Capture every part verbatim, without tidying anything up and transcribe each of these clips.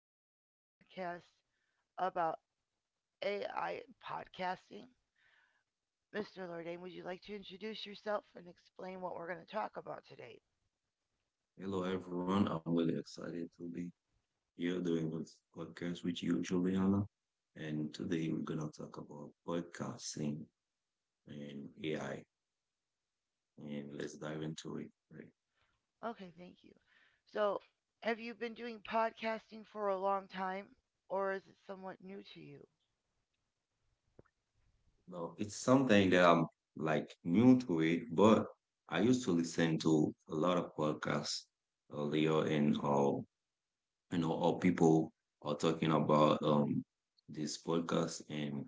going to do a podcast about A I podcasting. Mister Lord, would you like to introduce yourself and explain what we're going to talk about today? Hello, everyone. I'm really excited to be here doing this podcast with you, Juliana. And today we're going to talk about podcasting and A I. And let's dive into it. Right. Okay, thank you. So, have you been doing podcasting for a long time, or is it somewhat new to you? Now, it's something that I'm like new to it, but I used to listen to a lot of podcasts earlier and how, you know, how people are talking about um this podcast. And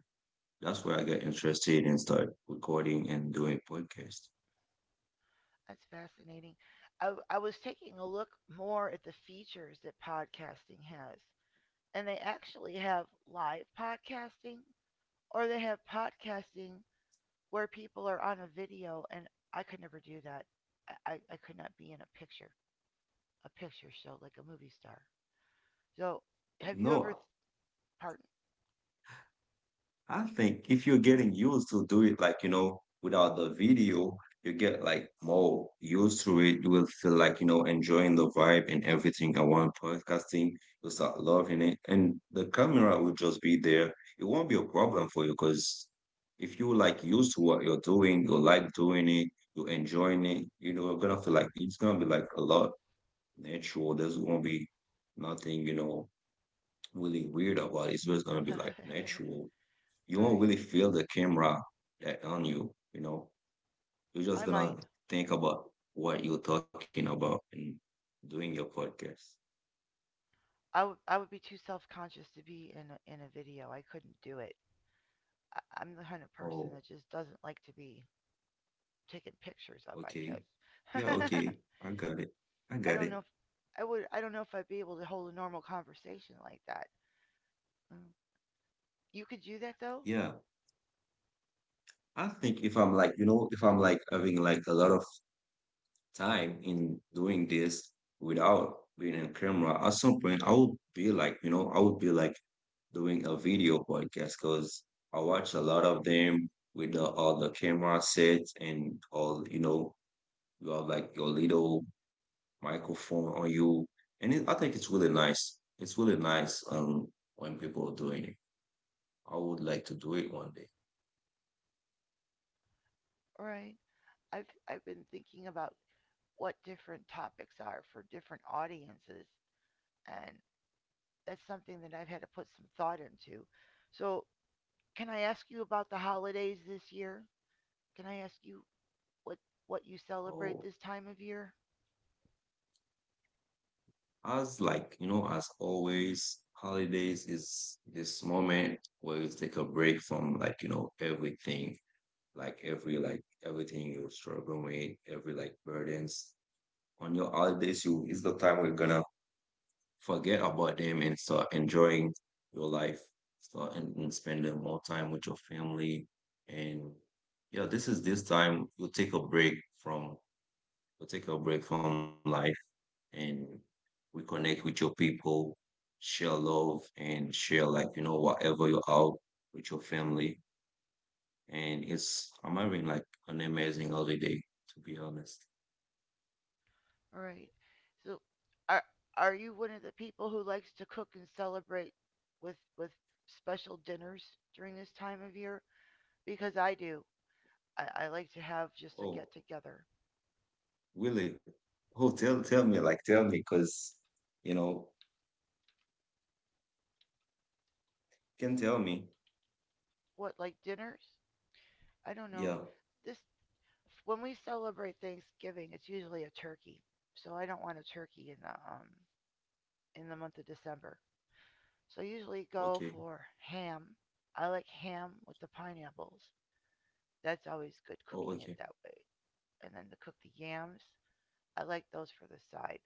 that's where I got interested and started recording and doing podcasts. That's fascinating. I I was taking a look more at the features that podcasting has, and they actually have live podcasting, or they have podcasting where people are on a video, and I could never do that. I, I- could not be in a picture, a picture show like a movie star. So have you ever, No, th- pardon? I think if you're getting used to do it, like, you know, without the video, you get like more used to it. You will feel like, you know, enjoying the vibe and everything around podcasting. You'll start loving it. And the camera will just be there. It won't be a problem for you because if you like used to what you're doing, you like doing it, you're enjoying it, you know, you're gonna feel like it's gonna be like a lot natural. There's gonna be nothing, you know, really weird about it. It's just gonna be like natural, you All won't right, really feel the camera that on you, you know. You're just I gonna might. think about what you're talking about and doing your podcast. I would I would be too self conscious to be in a, in a video. I couldn't do it. I, I'm the kind of person Oh, that just doesn't like to be taking pictures of, I okay. Yeah, guess. okay. I got it. I I got don't know it. if I would. I don't know if I'd be able to hold a normal conversation like that. Mm. You could do that though. Yeah. I think if I'm like, you know, if I'm like having like a lot of time in doing this without being on camera, at some point I would be like, you know, I would be like doing a video podcast because I watch a lot of them with the, all the camera sets and all, you know, you have like your little microphone on you. And it, I think it's really nice. It's really nice um, when people are doing it. I would like to do it one day. All right. I've I've been thinking about what different topics are for different audiences, and that's something that I've had to put some thought into. So, can I ask you about the holidays this year? Can I ask you what what you celebrate Oh, this time of year? as like, you know, as always, holidays is this moment where you take a break from like, you know, everything, like every like everything you're struggling with, every like burdens. On your holidays, you is the time we're gonna forget about them and start enjoying your life, start and, and spending more time with your family. And yeah, this is this time you take a break from you take a break from life and reconnect with your people, share love and share like, you know, whatever you're out with your family. And it's I'm having like an amazing holiday, to be honest. All right. So, are are you one of the people who likes to cook and celebrate with with special dinners during this time of year? Because I do. I, I like to have just a get Oh, together. really? Oh, tell tell me, like tell me, because you know, can tell me. What, like dinners? I don't know. Yeah, This when we celebrate Thanksgiving, it's usually a turkey. So I don't want a turkey in the um in the month of December. So I usually go okay. for ham. I like ham with the pineapples. That's always good Oh, cooking it okay. that way. And then to cook the yams, I like those for the side.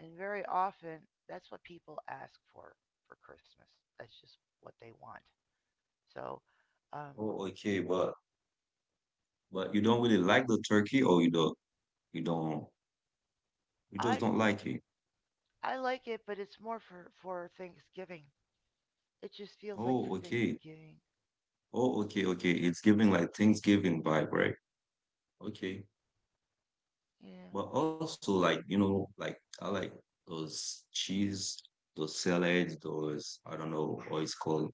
And very often, that's what people ask for for Christmas. That's just what they want. So, um, Oh, okay, but but you don't really like the turkey or you don't you don't you I just don't like it. I like it, but it's more for for Thanksgiving. It just feels like for Oh, okay. Thanksgiving. Oh, okay, okay. It's giving like Thanksgiving vibe, right? Okay. Yeah, But also like, you know, like I like those cheese, those salads, those I don't know what it's called,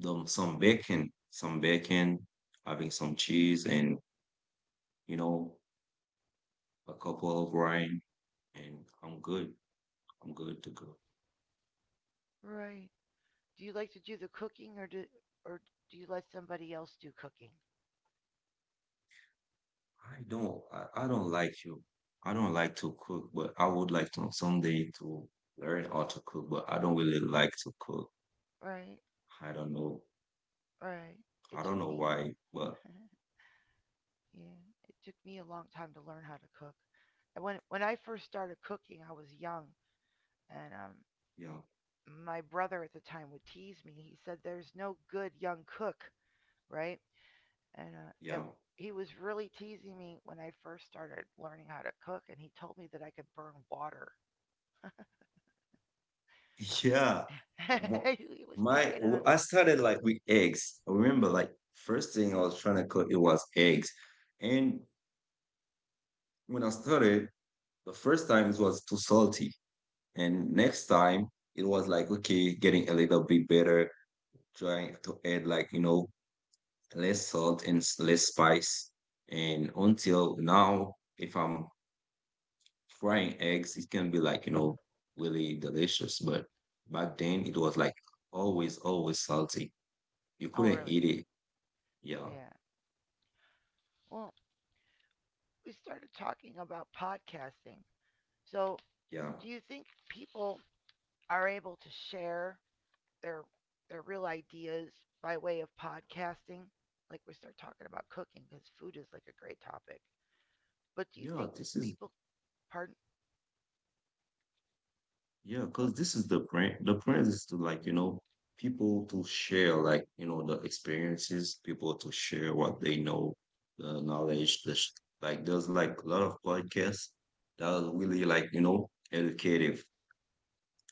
them some bacon, some bacon, having some cheese and, you know, a couple of wine and I'm good. I'm good to go. right. Do you like to do the cooking, or do, or do you let somebody else do cooking? I don't I, I don't like you. I don't like to cook, but I would like to someday to learn how to cook, but I don't really like to cook. Right, I don't know. right. It I took don't know me why, but yeah, it took me a long time to learn how to cook. And when when I first started cooking, I was young, and um yeah, my brother at the time would tease me. He said there's no good young cook, right? And uh, it, yeah, he was really teasing me when I first started learning how to cook, and he told me that I could burn water. yeah. And mo- He was My, picking on me. I started like with eggs. I remember like first thing I was trying to cook it was eggs, and when I started, the first time it was too salty, and next time it was like okay, getting a little bit better, trying to add like, you know, less salt and s- less spice, and until now, if I'm frying eggs, it can be like, you know, really delicious. But back then it was like always, always salty. You Oh, couldn't really? eat it. Yeah. Yeah. Well, we started talking about podcasting. So, Yeah. do you think people are able to share their their real ideas by way of podcasting? Like we start talking about cooking because food is like a great topic. But do you Yeah. think This is, people? Pardon? yeah, What? because this I'm is the brand. The brand is to like, you know, people to share like, you know, the experiences, people to share what they know, the knowledge, the sh- like there's like a lot of podcasts that are really like, you know, educative.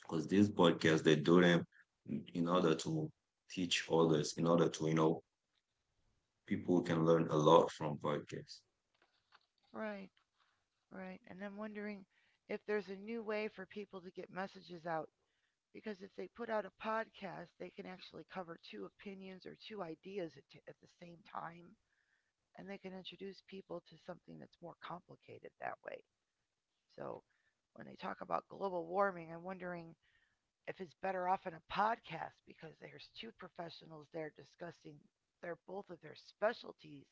Because these podcasts they do them in order to teach others, in order to, you know, people can learn a lot from podcasts. right, right. And I'm wondering if there's a new way for people to get messages out, because if they put out a podcast, they can actually cover two opinions or two ideas at, t- at the same time, and they can introduce people to something that's more complicated that way. So when they talk about global warming, I'm wondering if it's better off in a podcast because there's two professionals there discussing their both of their specialties,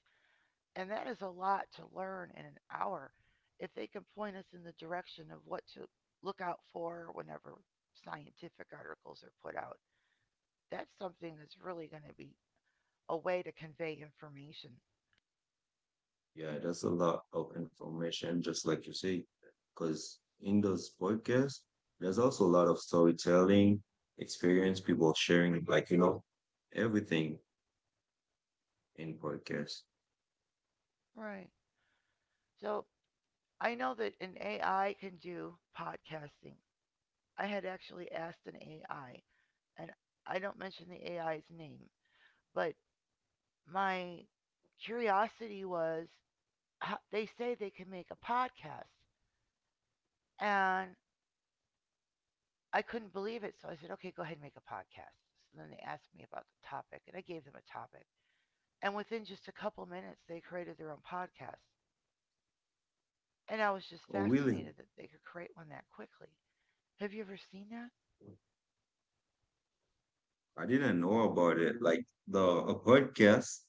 and that is a lot to learn in an hour. If they can point us in the direction of what to look out for whenever scientific articles are put out, that's something that's really going to be a way to convey information. Yeah, that's a lot of information, just like you say, because in those podcasts there's also a lot of storytelling, experience, people sharing like, you know, everything in podcasts. Right. So I know that an A I can do podcasting. I had actually asked an A I, and I don't mention the A I's name, but my curiosity was they say they can make a podcast. And I couldn't believe it. So I said, okay, go ahead and make a podcast. So then they asked me about the topic, and I gave them a topic. And within just a couple minutes, they created their own podcast. And I was just Oh, really? fascinated that they could create one that quickly. Have you ever seen that? I didn't know about it. Like the a podcast.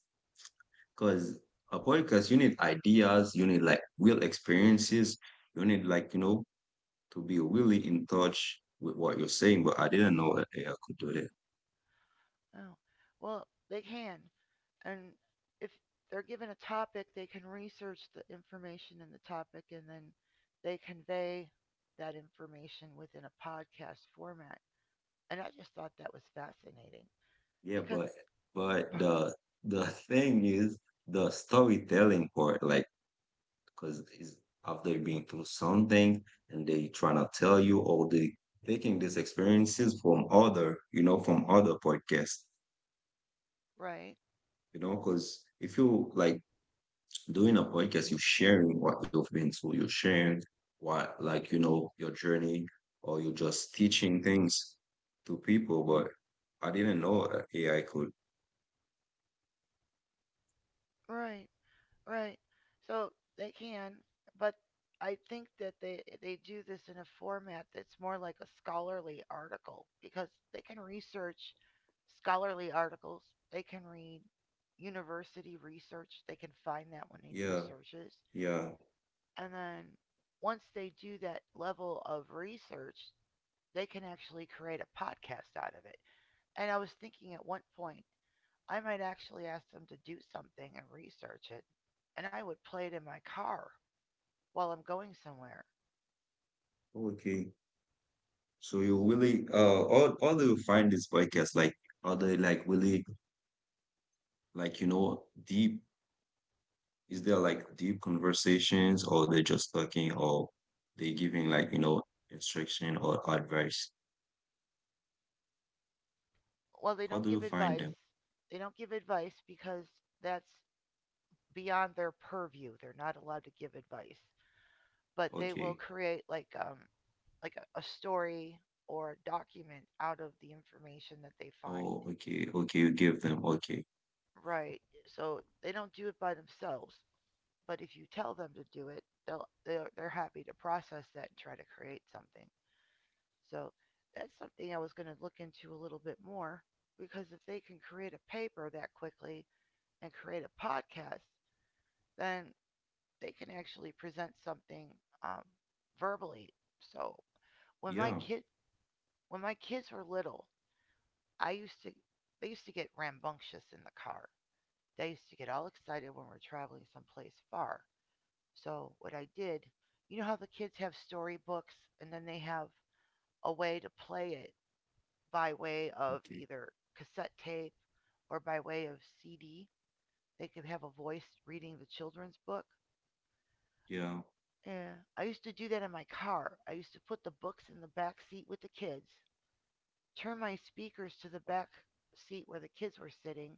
Because a podcast, you need ideas, you need like real experiences, you need like, you know, to be really in touch with what you're saying. But I didn't know that A I could do that. Oh, well, they can. And if they're given a topic, they can research the information in the topic, and then they convey that information within a podcast format. And I just thought that was fascinating Yeah, because but it's but the the thing is the storytelling part, like, because it's after being through something and they trying to tell you all the taking these experiences from other, you know, from other podcasts, right, you know, because if you like doing a podcast, you're sharing what you've been through, you're sharing what, like, you know, your journey, or you're just teaching things to people. But I didn't know uh, a- AI could. right. Right. So they can, but I think that they they do this in a format that's more like a scholarly article because they can research scholarly articles. They can read university research. They can find that when they do Yeah, searches. yeah. And then once they do that level of research, they can actually create a podcast out of it. And I was thinking at one point, I might actually ask them to do something and research it, and I would play it in my car while I'm going somewhere. Okay. So you really, uh, all, all do you find this podcast like, are they like really, like, you know, deep? Is there like deep conversations, or they just talking, or they giving like, you know, instruction or advice? Well, they How don't do you give find advice. them? They don't give advice because that's beyond their purview. They're not allowed to give advice, but they will Okay. create like um like a, a story or a document out of the information that they find. Oh, okay, okay, you give them. Okay. Right. So they don't do it by themselves, but if you tell them to do it, they'll they're, they're happy to process that and try to create something. So that's something I was going to look into a little bit more, because if they can create a paper that quickly, and create a podcast, then they can actually present something um, verbally. So when my Yeah, kid when my kids were little, I used to they used to get rambunctious in the car. They used to get all excited when we're traveling someplace far. So what I did, you know how the kids have storybooks, and then they have a way to play it by way of okay. either cassette tape or by way of C D. They could have a voice reading the children's book. Yeah, Yeah, I used to do that in my car. I used to put the books in the back seat with the kids, turn my speakers to the back seat where the kids were sitting,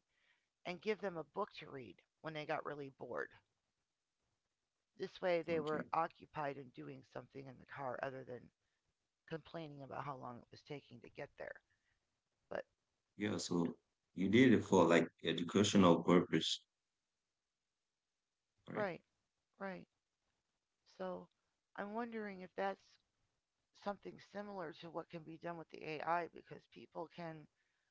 and give them a book to read when they got really bored. This way, they okay. were occupied in doing something in the car other than complaining about how long it was taking to get there. But, Yeah, so you did it for like educational purpose, right? right, right. So, I'm wondering if that's something similar to what can be done with the A I, because people can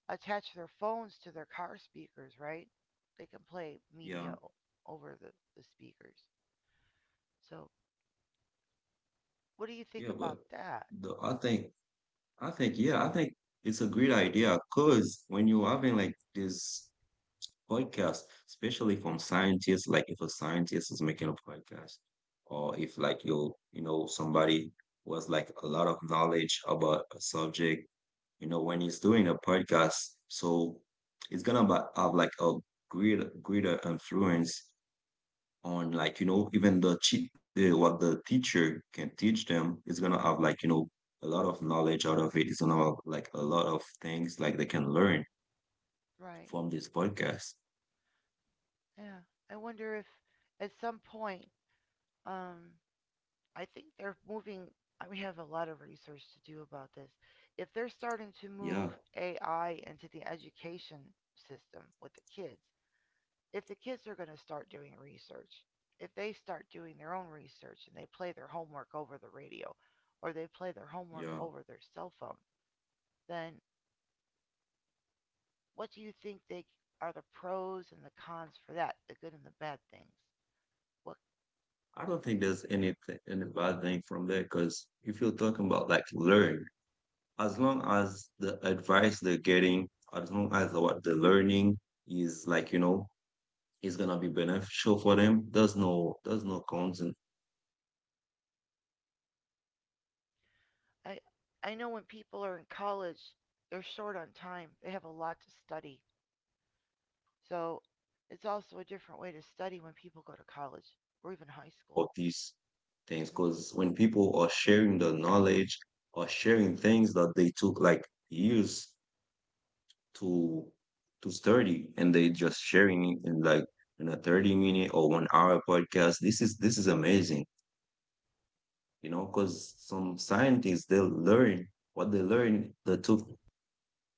attach their phones to their car speakers, right? They can play media Yeah. over the, the speakers. So, Yeah, what do you but think about the I that? think I think yeah, I think it's a great idea because when you're having like this podcast, especially from scientists, like if a scientist is making a podcast, or if like you you know somebody was like a lot of knowledge about a subject, you know, when he's doing a podcast. So it's gonna ba- have like a greater greater influence on like, you know, even the cheat the, what the teacher can teach them. It's gonna have like, you know, a lot of knowledge out of it. It's gonna have like a lot of things like they can learn Right. from this podcast. Yeah. I wonder if at some point, um, I think they're moving. I- We have a lot of research to do about this. If they're starting to Yeah, move A I into the education system with the kids, if the kids are going to start doing research, if they start doing their own research and they play their homework over the radio or they play their homework yeah. over their cell phone, then what do you think they are the pros and the cons for that, the good and the bad things? What I do you don't think think? there's anything any bad thing from there because if you're talking about like learn, as long as the advice they're getting, as long as what they're learning is like, you know, it's gonna be beneficial for them. There's no there's no cons in this kind of podcast because me personally, I would I like I know when watch this people kind are of in college, podcast and doc- they're short on documentary time. They have a instead of lot to study. scrolling all the time on the So social media it's also a different way to study when because we people go to need more. Like college we need or we even need high more school. of these things Mm-hmm. because when people are sharing the knowledge or sharing things that they took like years to to thirty, and they just sharing it in like in a thirty minute or one hour podcast. This is this is amazing, you know, because some scientists they learn what they learned that took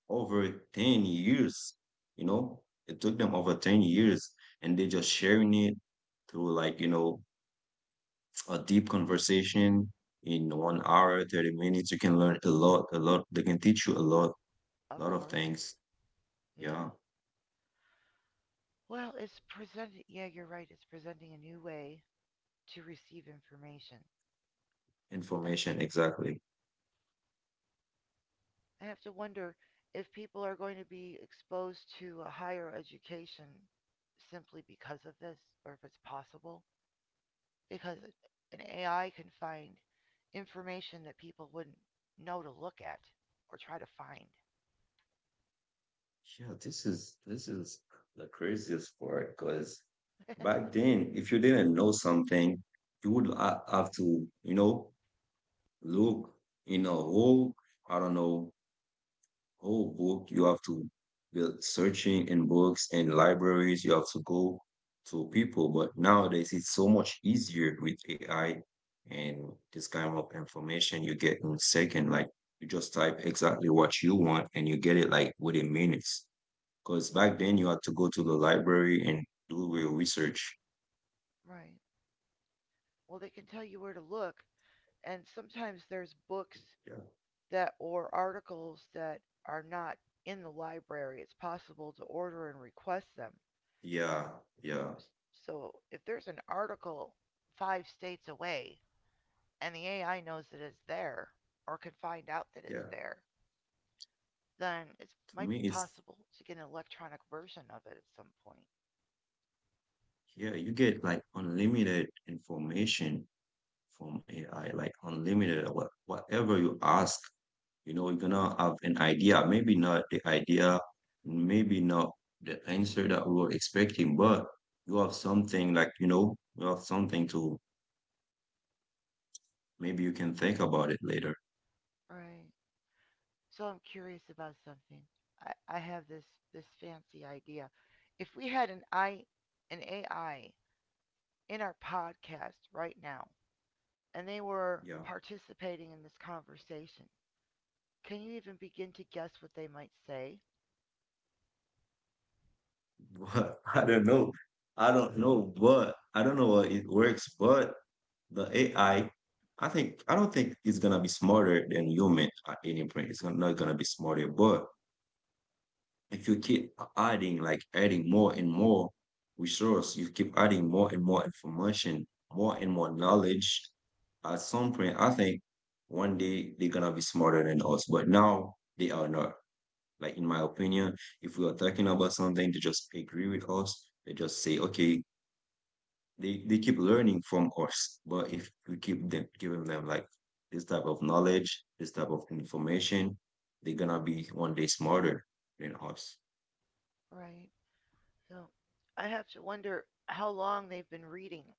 over ten years, you know, it took them over ten years, and they just sharing it through like, you know, a deep conversation in one hour, thirty minutes, you can learn a lot, a lot. They can teach you a lot, Of lot of course. things. Yeah, Yeah. Well, it's presenting. Yeah, you're right. It's presenting a new way to receive information. I information, exactly. I have to wonder if people are going to be exposed to a higher education simply because of this, or if it's possible. Because an A I can find information that people wouldn't know to look at or try to find. Yeah, this is this is the craziest part because back then, if you didn't know something, you would ha- have to, you know, look in a whole, I don't know, whole book. You have to be searching in books and libraries. You have to go to people. But nowadays, it's so much easier with A I and this kind of information you get in second. Like you just type exactly what you want and you get it like within minutes. Because back then you had to go to the library and do your research. Right. Well, they can tell you where to look, and sometimes there's Yeah. books that or articles that are not in the library, it's possible to order and request them. Yeah. Yeah. So if there's an article five states away and the A I knows that it's there or can find out that it's Yeah. there, then it For might be me, it's, possible to get an electronic version of it at some point. yeah, you get like unlimited information from A I, like unlimited, what, whatever you ask, you know, you're gonna have an idea. Maybe not the idea, maybe not the answer that we were expecting, but you have something like, you know, you have something to, maybe you can think about it later. Right. So I'm curious about something. I, I have this this fancy idea. If we had an I an A I in our podcast right now, and they Yeah. were participating in this conversation. Can you even begin to guess what they might say? But I don't know. I don't know, but I don't know what it works, but the A I, I I think I don't think it's gonna be smarter than human at any point. It's gonna- not gonna be smarter, but if you keep adding, like adding more and more resource, you keep adding more and more information, more and more knowledge. At some point, I think one day they're gonna be smarter than us, but now they are not. Like in my opinion, if we are talking about something, they just agree with us. They just say, okay, they, they keep learning from us. But if we keep them giving them like this type of knowledge, this type of information, they're gonna be one day smarter than us. Right. So I have to wonder how long they've been reading,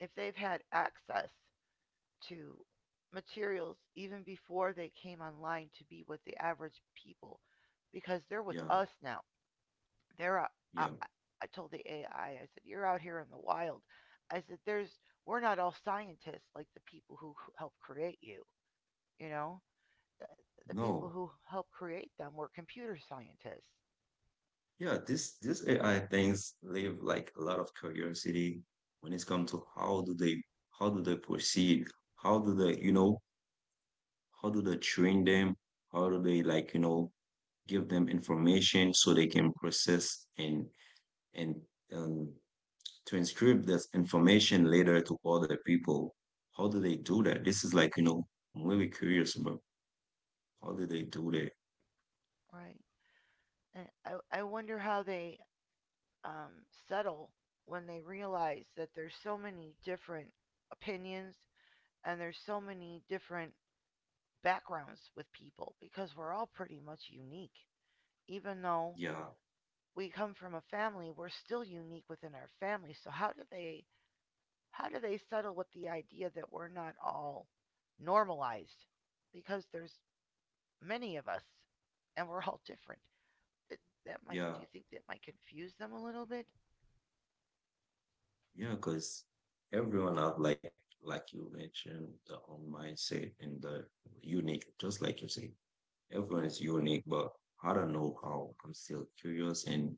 if they've had access to materials even before they came online to be with the average people, because they're with Yeah, us now. They're out, I, yeah. I- told the A I, I I said, "You're out here in the wild." I said, "There's we're not all scientists like the people who helped create you, you know." The people No. who helped create them were computer scientists, Yeah, this this A I things leave like a lot of curiosity when it's come to how do they how do they proceed? How do they, you know, how do they train them? How do they like, you know, give them information so they can process and and um, transcribe this information later to other people. How do they do that? This is like you know I'm really curious about how do they do that. right? And I, I wonder how they um, settle when they realize that there's so many different opinions and there's so many different backgrounds with people because we're all pretty much unique. Even though Yeah, we come from a family, we're still unique within our family. So how do they how do they settle with the idea that we're not all normalized? Because there's many of us, and we're all different. That, that might, do yeah, you think that might confuse them a little bit? yeah. Because everyone have like like you mentioned the own mindset and the unique, just like you say, everyone is unique. But I don't know how. I'm still curious and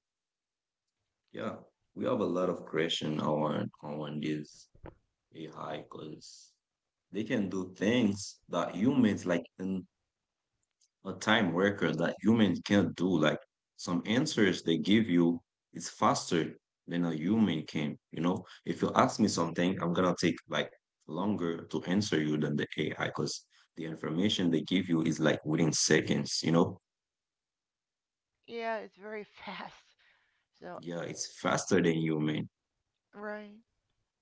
yeah, we have a lot of question on on this A I because they can do things that humans like in a time worker that humans can't do. Like some answers they give you is faster than a human can. You know, if you ask me something, I'm gonna take like longer to answer you than the A I because the information they give you is like within seconds. You know, Yeah, it's very fast. So, yeah, it's faster than human. right.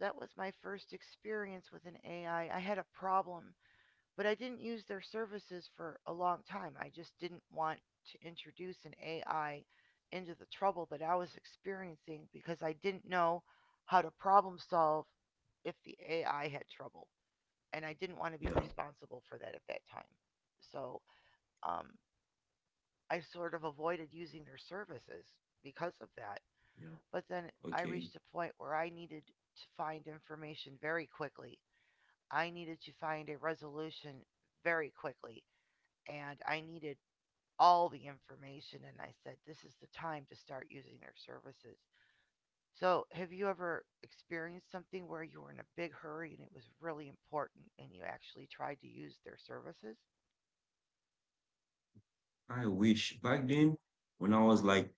That was my first experience with an A I. I I had a problem, but I didn't use their services for a long time. I just didn't want to introduce an A I into the trouble that I was experiencing because I didn't know how to problem solve if the A I had trouble. And I didn't want to be Yeah, responsible for that at that time. So, um, I sort of avoided using their services because of that. yeah, But then I okay. reached a point where I needed to find information very quickly. I needed to find a resolution very quickly, and I needed all the information. And I said, this is the time to start using their services. So, have you ever experienced something where you were in a big hurry and it was really important and you actually tried to use their services? I wish back then when I was like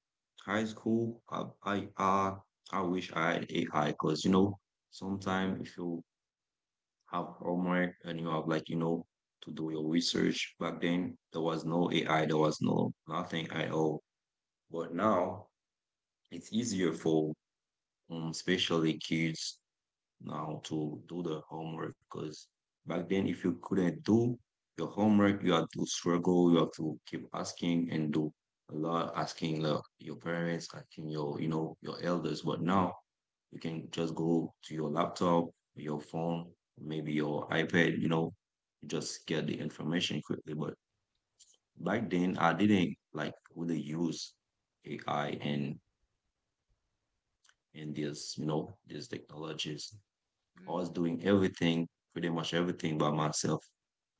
high school, I I uh, I wish I had A I because you know sometimes if you have homework and you have like you know to do your research back then there was no A I, there was no nothing at all. But now it's easier for um especially kids now to do the homework because back then if you couldn't do your homework you have to struggle you have to keep asking and do a lot asking like, your parents asking your you know your elders but now you can just go to your laptop your phone maybe your iPad you know just get the information quickly but back then I didn't like really use AI and and this you know these technologies. I was Mm, doing everything, pretty much everything by myself.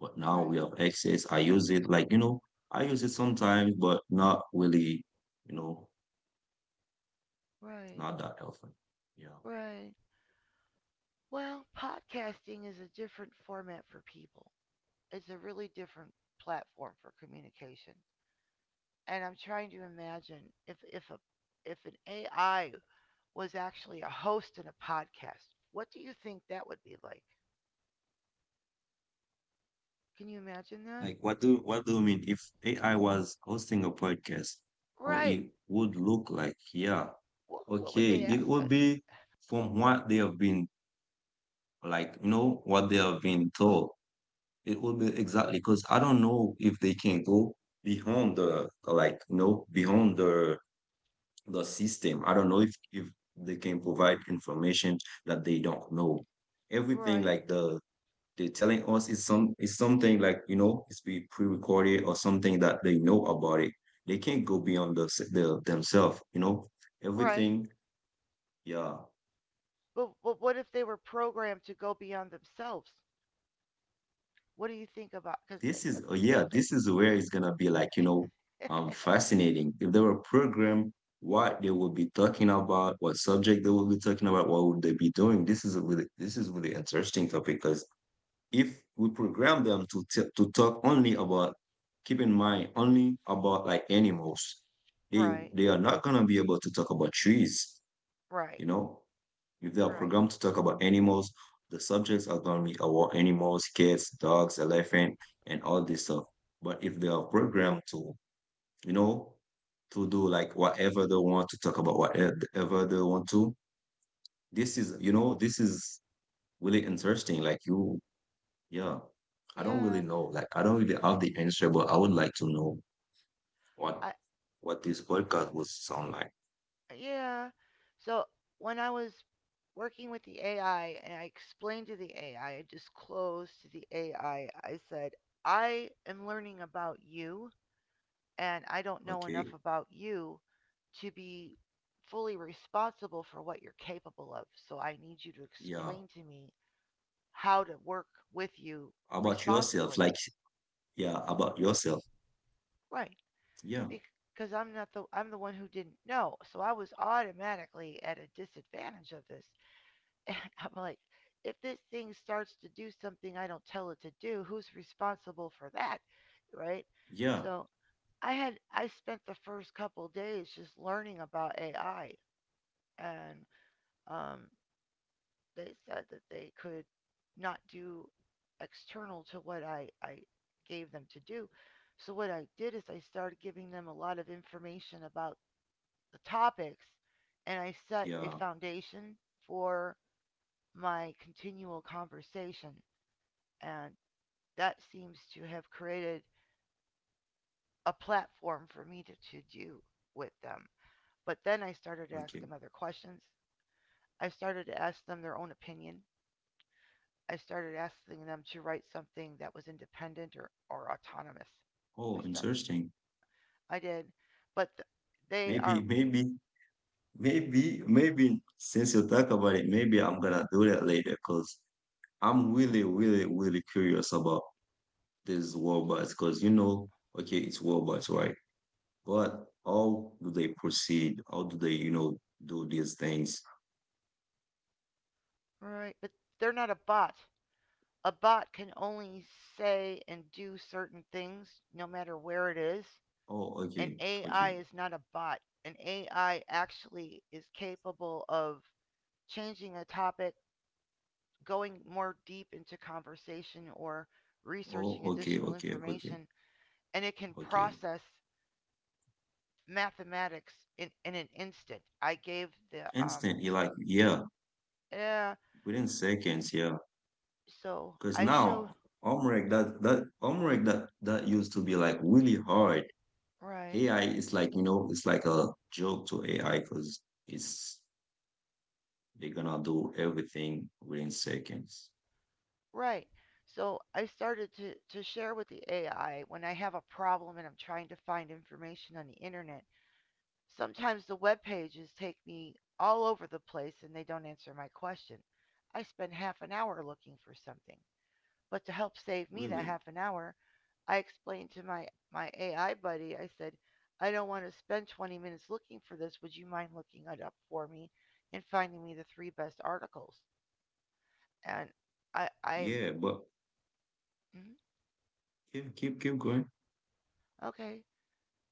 But now we right, have access. I use it like, you know, I use it sometimes, but not really, you know, right, not that often. Yeah. right. Well, podcasting is a different format for people. It's a really different platform for communication. And I'm trying to imagine if if a if an A I was actually a host in a podcast, what do you think that would be like? Can you imagine that? Like what do what do you mean if A I was hosting a podcast, how Right. it would look like? Yeah. What, what would Okay, they it ask would us? be from what they have been like, you know, what they have been told. It will be exactly because I don't know if they can go beyond the like no beyond the the system. I don't know if if they can provide information that they don't know. Everything Right. like the they're telling us is some is something like you know it's be pre-recorded or something that they know about it. They can't go beyond the, the themselves. You know Right. everything. Yeah. But but what if they were programmed to go beyond themselves? What do you think about? Because they This could. is, oh, yeah, They, this is where it's gonna be like, you know, um, fascinating. If they were programmed, what they would be talking about, what subject they would be talking about, what would they be doing? This is a really, this is really interesting topic because if we program them to t to talk only about, keep in mind, only about like animals, they right. they are not gonna be able to talk about trees, you Right. know. If they are Right. programmed to talk about animals, the subjects are going to be about animals, cats, dogs, elephant, and all this stuff. But if they are programmed to, you know, to do like whatever they want to talk about, whatever they want to, this is, you know, this is really interesting. Like you, yeah, I don't really Yeah. know. Like I don't really have the answer, but I would like to know what I, what this podcast would sound like. yeah. So when I was working with the A I and I explained to the A I, I I disclosed to the A I, I I said, I am learning about you and I don't know enough Okay, about you to be fully responsible for what you're capable of. So I need you to yeah. explain to me how to work with you About yourself, responsibly. like yeah, about yourself. Right. Yeah, Because I'm not the I'm the one who didn't know. So I was automatically at a disadvantage of this. And I'm like, if this thing starts to do something I don't tell it to do, who's responsible for that? Right? yeah. So I had I spent the first couple days just learning about A I and um they said that they could not do external to what I, I gave them to do. So what I did is I started giving them a lot of information about the topics and I set a Yeah. foundation for my continual conversation. And that seems to have created a platform for me to, to do with them. But then I started to ask Okay. them other questions. I started to ask them their own opinion. I started asking them to write something that was independent or, or autonomous. I Oh, start interesting. I did, but th- they Maybe, are maybe, maybe, maybe since you talk about it, maybe I'm gonna do that later because I'm really, really, really curious about these robots because you know, okay, it's robots, right? But how do they proceed? How do they, you know, do these things? right, but they're not a bot. A bot can only say and do certain things no matter where it is. Oh, An okay, A I okay. is not a bot. An A I actually is capable of changing a topic, going more deep into conversation, or Oh, researching okay, additional okay, okay, information, and it can okay. process mathematics in, in an instant. I gave the, um, Instantly, like, yeah, yeah, within seconds, yeah. so Because I showed, now homework that that homework that that used to be like really hard. right, A I is like you know it's like a joke to A I because it's they're gonna do everything within seconds. right. So I started to, to share with the A I when I have a problem and I'm trying to find information on the internet. Sometimes the web pages take me all over the place and they don't answer my question. I spend half an hour looking for something. But to help save Really? me that half an hour, I explained to my, my A I buddy, I said, I don't want to spend twenty minutes looking for this. Would you mind looking it up for me and finding me the three best articles? And I, I'm, Yeah, but "Mm, keep keep keep going. okay.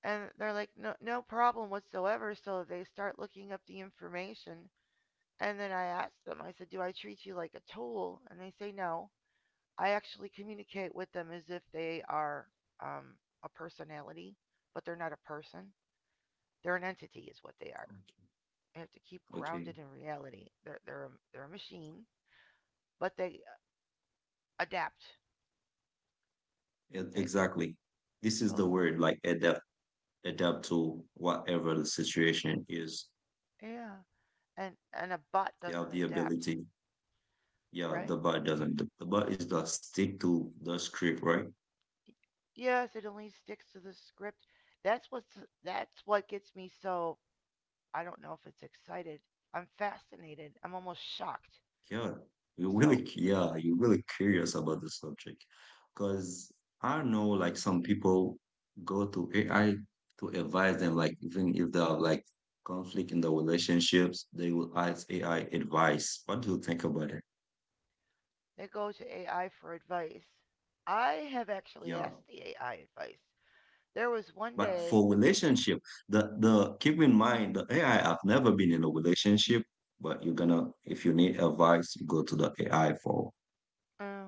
And they're like, no, no problem whatsoever. So they start looking up the information. And then I asked them, I said, do I treat you like a tool? And they say, no. I actually communicate with them as if they are um, a personality, but they're not a person. They're an entity, is what they are. I have to keep Okay. grounded Okay. in reality. They're, they're, a, they're a machine, but they adapt. E- They, they, Exactly. This is so, the word like adapt adapt to whatever the situation is. yeah. And, and a bot They doesn't have the adapt, ability. Yeah, right? the bot doesn't. The bot is the stick to the script, right? Yes, it only sticks to the script. That's what's that's what gets me so I don't know if it's excited. I'm fascinated. I'm almost shocked. Yeah, you're really, So cu- yeah, you're really curious about the subject because I know like some people go to A I to advise them, like even if they have like conflict in their relationships, they will ask A I advice. What do you think about it? they go to A I for advice. I have actually Yeah. asked the A I advice. There was one But day, for relationship, the the keep in mind the A I, have never been in a relationship, but you're gonna if you need advice, you go to the A I for uh,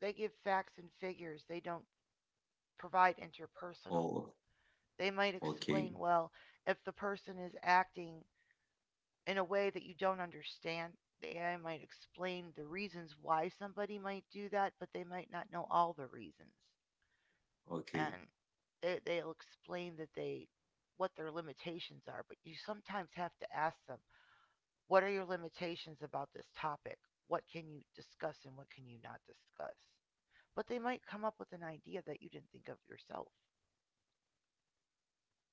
they give facts and figures, they don't provide interpersonal. oh They might okay, explain, well, if the person is acting in a way that you don't understand, the A I might explain the reasons why somebody might do that, but they might not know all the reasons. okay. And they, they'll explain that they what their limitations are, but you sometimes have to ask them, what are your limitations about this topic, what can you discuss and what can you not discuss, but they might come up with an idea that you didn't think of yourself.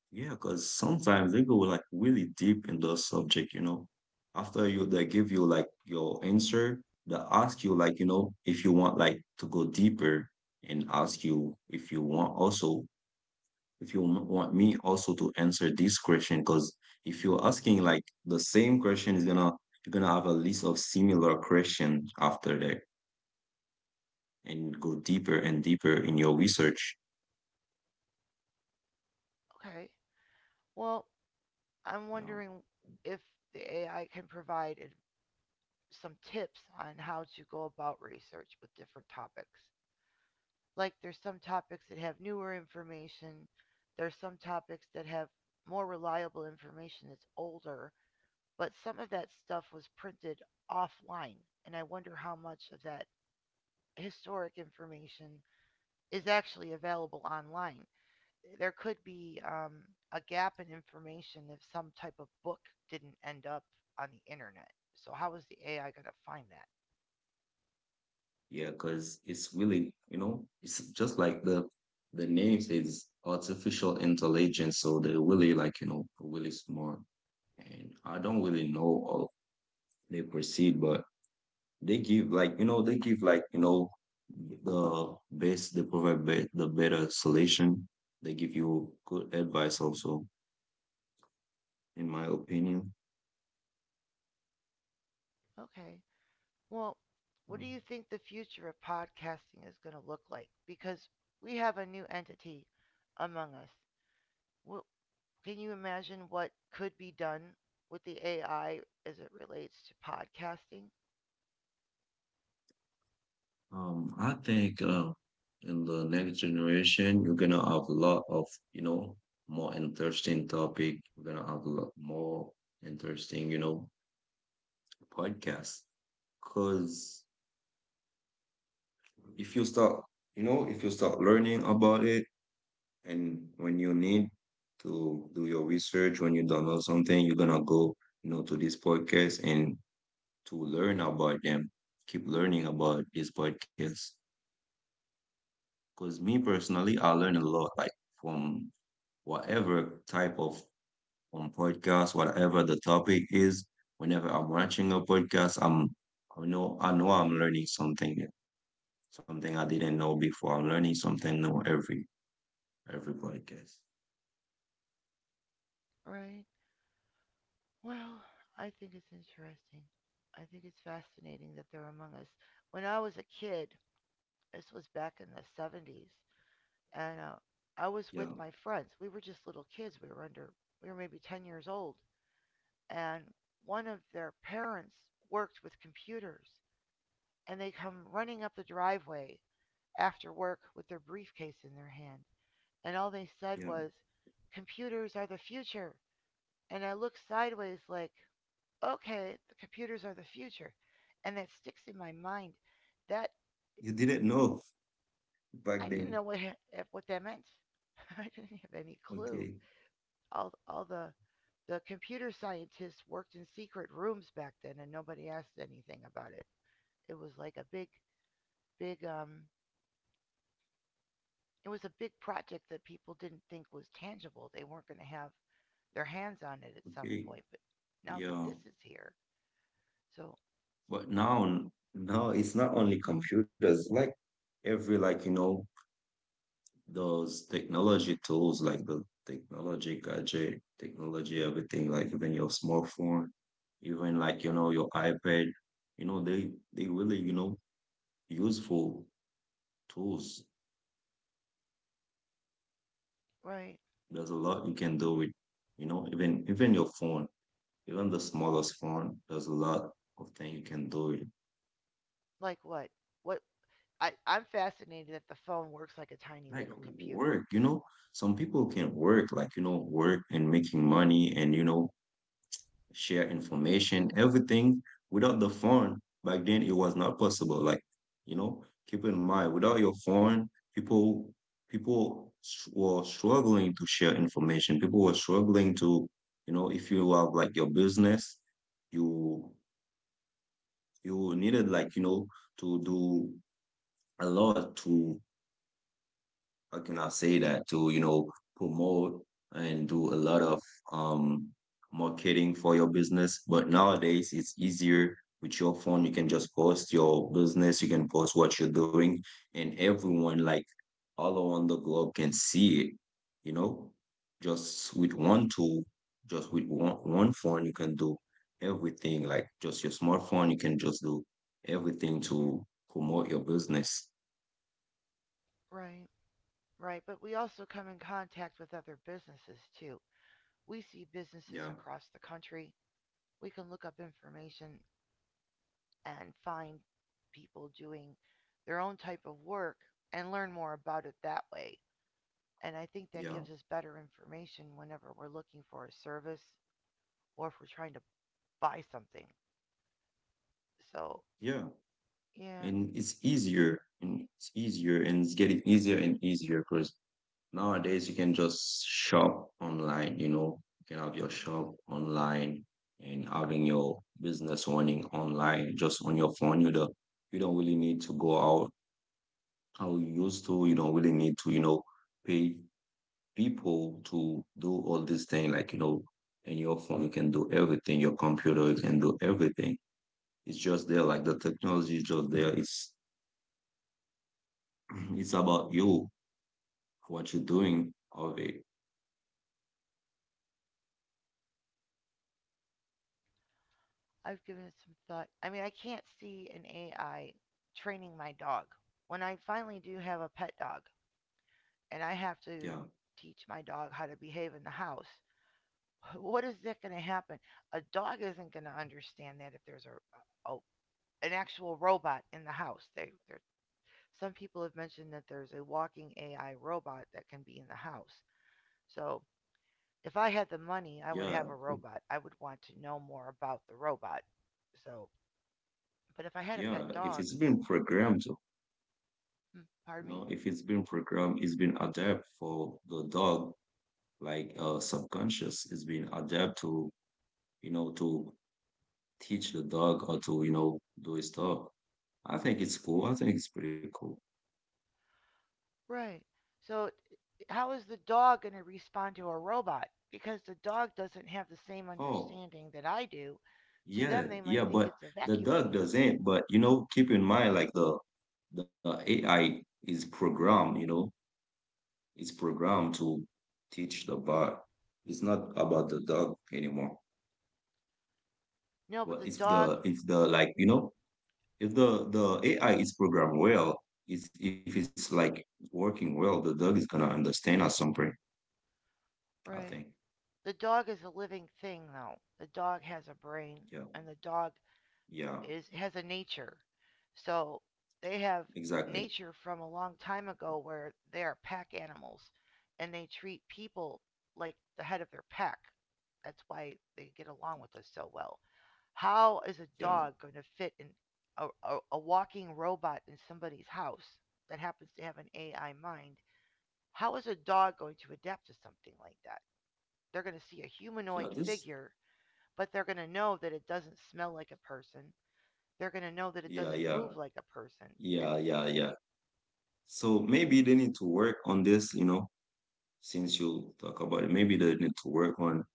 Yeah, because sometimes they go like really deep in the subject, you know. After you, they give you like your answer, they ask you like, you know, if you want like to go deeper and ask you if you want also, if you wa- want me also to answer this question, because if you're asking like the same question is gonna, you're gonna have a list of similar question after that and go deeper and deeper in your research. Okay. Well, I'm Yeah. wondering if the AI can provide some tips on how to go about research with different topics. Like there's some topics that have newer information, there's some topics that have more reliable information that's older, but some of that stuff was printed offline, and I wonder how much of that historic information is actually available online. There could be um, a gap in information if some type of book didn't end up on the internet. So how is the A I going to find that? Yeah, because it's really, you know, it's just like the the name is artificial intelligence, so they're really like, you know, really smart. And I don't really know how they proceed, but they give like, you know, they give like, you know, the best, they provide be the better solution. They give you good advice also, in my opinion. Okay. Well, Yeah. what do you think the future of podcasting is going to look like? Because we have a new entity among us. Wh- Can you imagine what could be done with the A I as it relates to podcasting? Um, I think uh, in the next generation, you're gonna have a lot of, you know, more interesting topic. You're gonna have a lot more interesting, you know, podcasts. Because if you start, you know, if you start learning about it, and when you need to do your research, when you don't know something, you're gonna go, you know, to this podcast and to learn about them. Keep learning about this podcast. Because me personally, I learn a lot, like from whatever type of um, podcast, whatever the topic is, whenever I'm watching a podcast, I'm I know I know I'm learning something new, something I didn't know before. I'm learning something new every every podcast. Right. Well, I think it's interesting. I think it's fascinating that they're among us. When I was a kid, this was back in the seventies, and uh, I was Yeah, with my friends. We were just little kids. We were under, we were maybe ten years old. And one of their parents worked with computers, and they come running up the driveway after work with their briefcase in their hand. And all they said yeah. was, computers are the future. And I looked sideways, like, okay, the computers are the future. And that sticks in my mind. That You didn't know back I didn't then. know what what that meant. I didn't have any clue. Okay, All all the the computer scientists worked in secret rooms back then, and nobody asked anything about it. It was like a big, big, um, it was a big project that people didn't think was tangible. They weren't going to have their hands on it at some okay. point. But now that Yeah. this is here, so But now now it's not only computers, like every like you know those technology tools like the technology gadget, technology, everything, like even your smartphone, even like, you know, your iPad, you know, they they really, you know, useful tools. right, There's a lot you can do with, you know, even even your phone, even the smallest phone, there's a lot of things you can do with it. like what? What? I, I'm fascinated that the phone works like a tiny Like little computer. work, you know, some people can work, like, you know, work and making money and, you know, share information, everything without the phone. Back then, it was not possible. Like, you know, keep in mind, without your phone, people people were struggling to share information. People were struggling to, you know, if you have like your business, you you needed like you know to do a lot to how can I say that to, you know, promote and do a lot of um marketing for your business. But nowadays it's easier with your phone. You can just post your business, you can post what you're doing, and everyone like all around the globe can see it, you know, just with one tool, just with one, one phone, you can do everything. Like just your smartphone, you can just do everything to promote your business. Right, right. But we also come in contact with other businesses too. We see businesses Yeah, across the country. We can look up information and find people doing their own type of work and learn more about it that way. And I think that yeah, gives us better information whenever we're looking for a service or if we're trying to buy something. So, yeah. yeah, And it's easier and it's easier and it's getting easier and easier because nowadays you can just shop online you know you can have your shop online and having your business running online just on your phone you don't you don't really need to go out how you used to you don't really need to you know pay people to do all this thing like you know in your phone you can do everything your computer you can do everything it's just there like the technology is just there it's it's about you what you're doing of it. I've given it some thought. I mean, I can't see an A I training my dog. When I finally do have a pet dog and I have to Yeah, teach my dog how to behave in the house, what is that going to happen? A dog isn't going to understand that if there's a, a an actual robot in the house. They, some people have mentioned that there's a walking A I robot that can be in the house. So if I had the money, I would have yeah, a robot. I would want to know more about the robot. So, but if I had a pet yeah. If dog, it's been programmed, you hmm, pardon know, me, if it's been programmed, it's been adapted for the dog, like uh, subconscious, it's been adapted to, you know, to teach the dog how to, you know, do his stuff. I think it's cool. I think it's pretty cool. right? So how is the dog going to respond to a robot? Because the dog doesn't have the same Oh, understanding that I do. To yeah, them, they might yeah, think but it's a the vacuum dog cleaner. doesn't, but you know, keep in mind like the the A I is programmed, you know, it's programmed to teach the bird. It's not about the dog anymore. No, but Well, the if dog, the if the like you know if the the A I is programmed well, if if it's like working well, the dog is gonna understand at some point. I right? think. The dog is a living thing, though. The dog has a brain, Yeah. and the dog Yeah. is has a nature. So they have Exactly. nature from a long time ago where they are pack animals and they treat people like the head of their pack. That's why they get along with us so well. How is a Yeah. dog going to fit in a, a, a walking robot in somebody's house that happens to have an A I mind? How is a dog going to adapt to something like that? They're going to see a Yeah. humanoid This. figure, but they're going to know that it doesn't smell like a person. They're going to know that it Yeah. doesn't Yeah. move like a person. And Yeah. Yeah. Yeah. So maybe they need to work on this. You know, since you talk about it, maybe they need to work on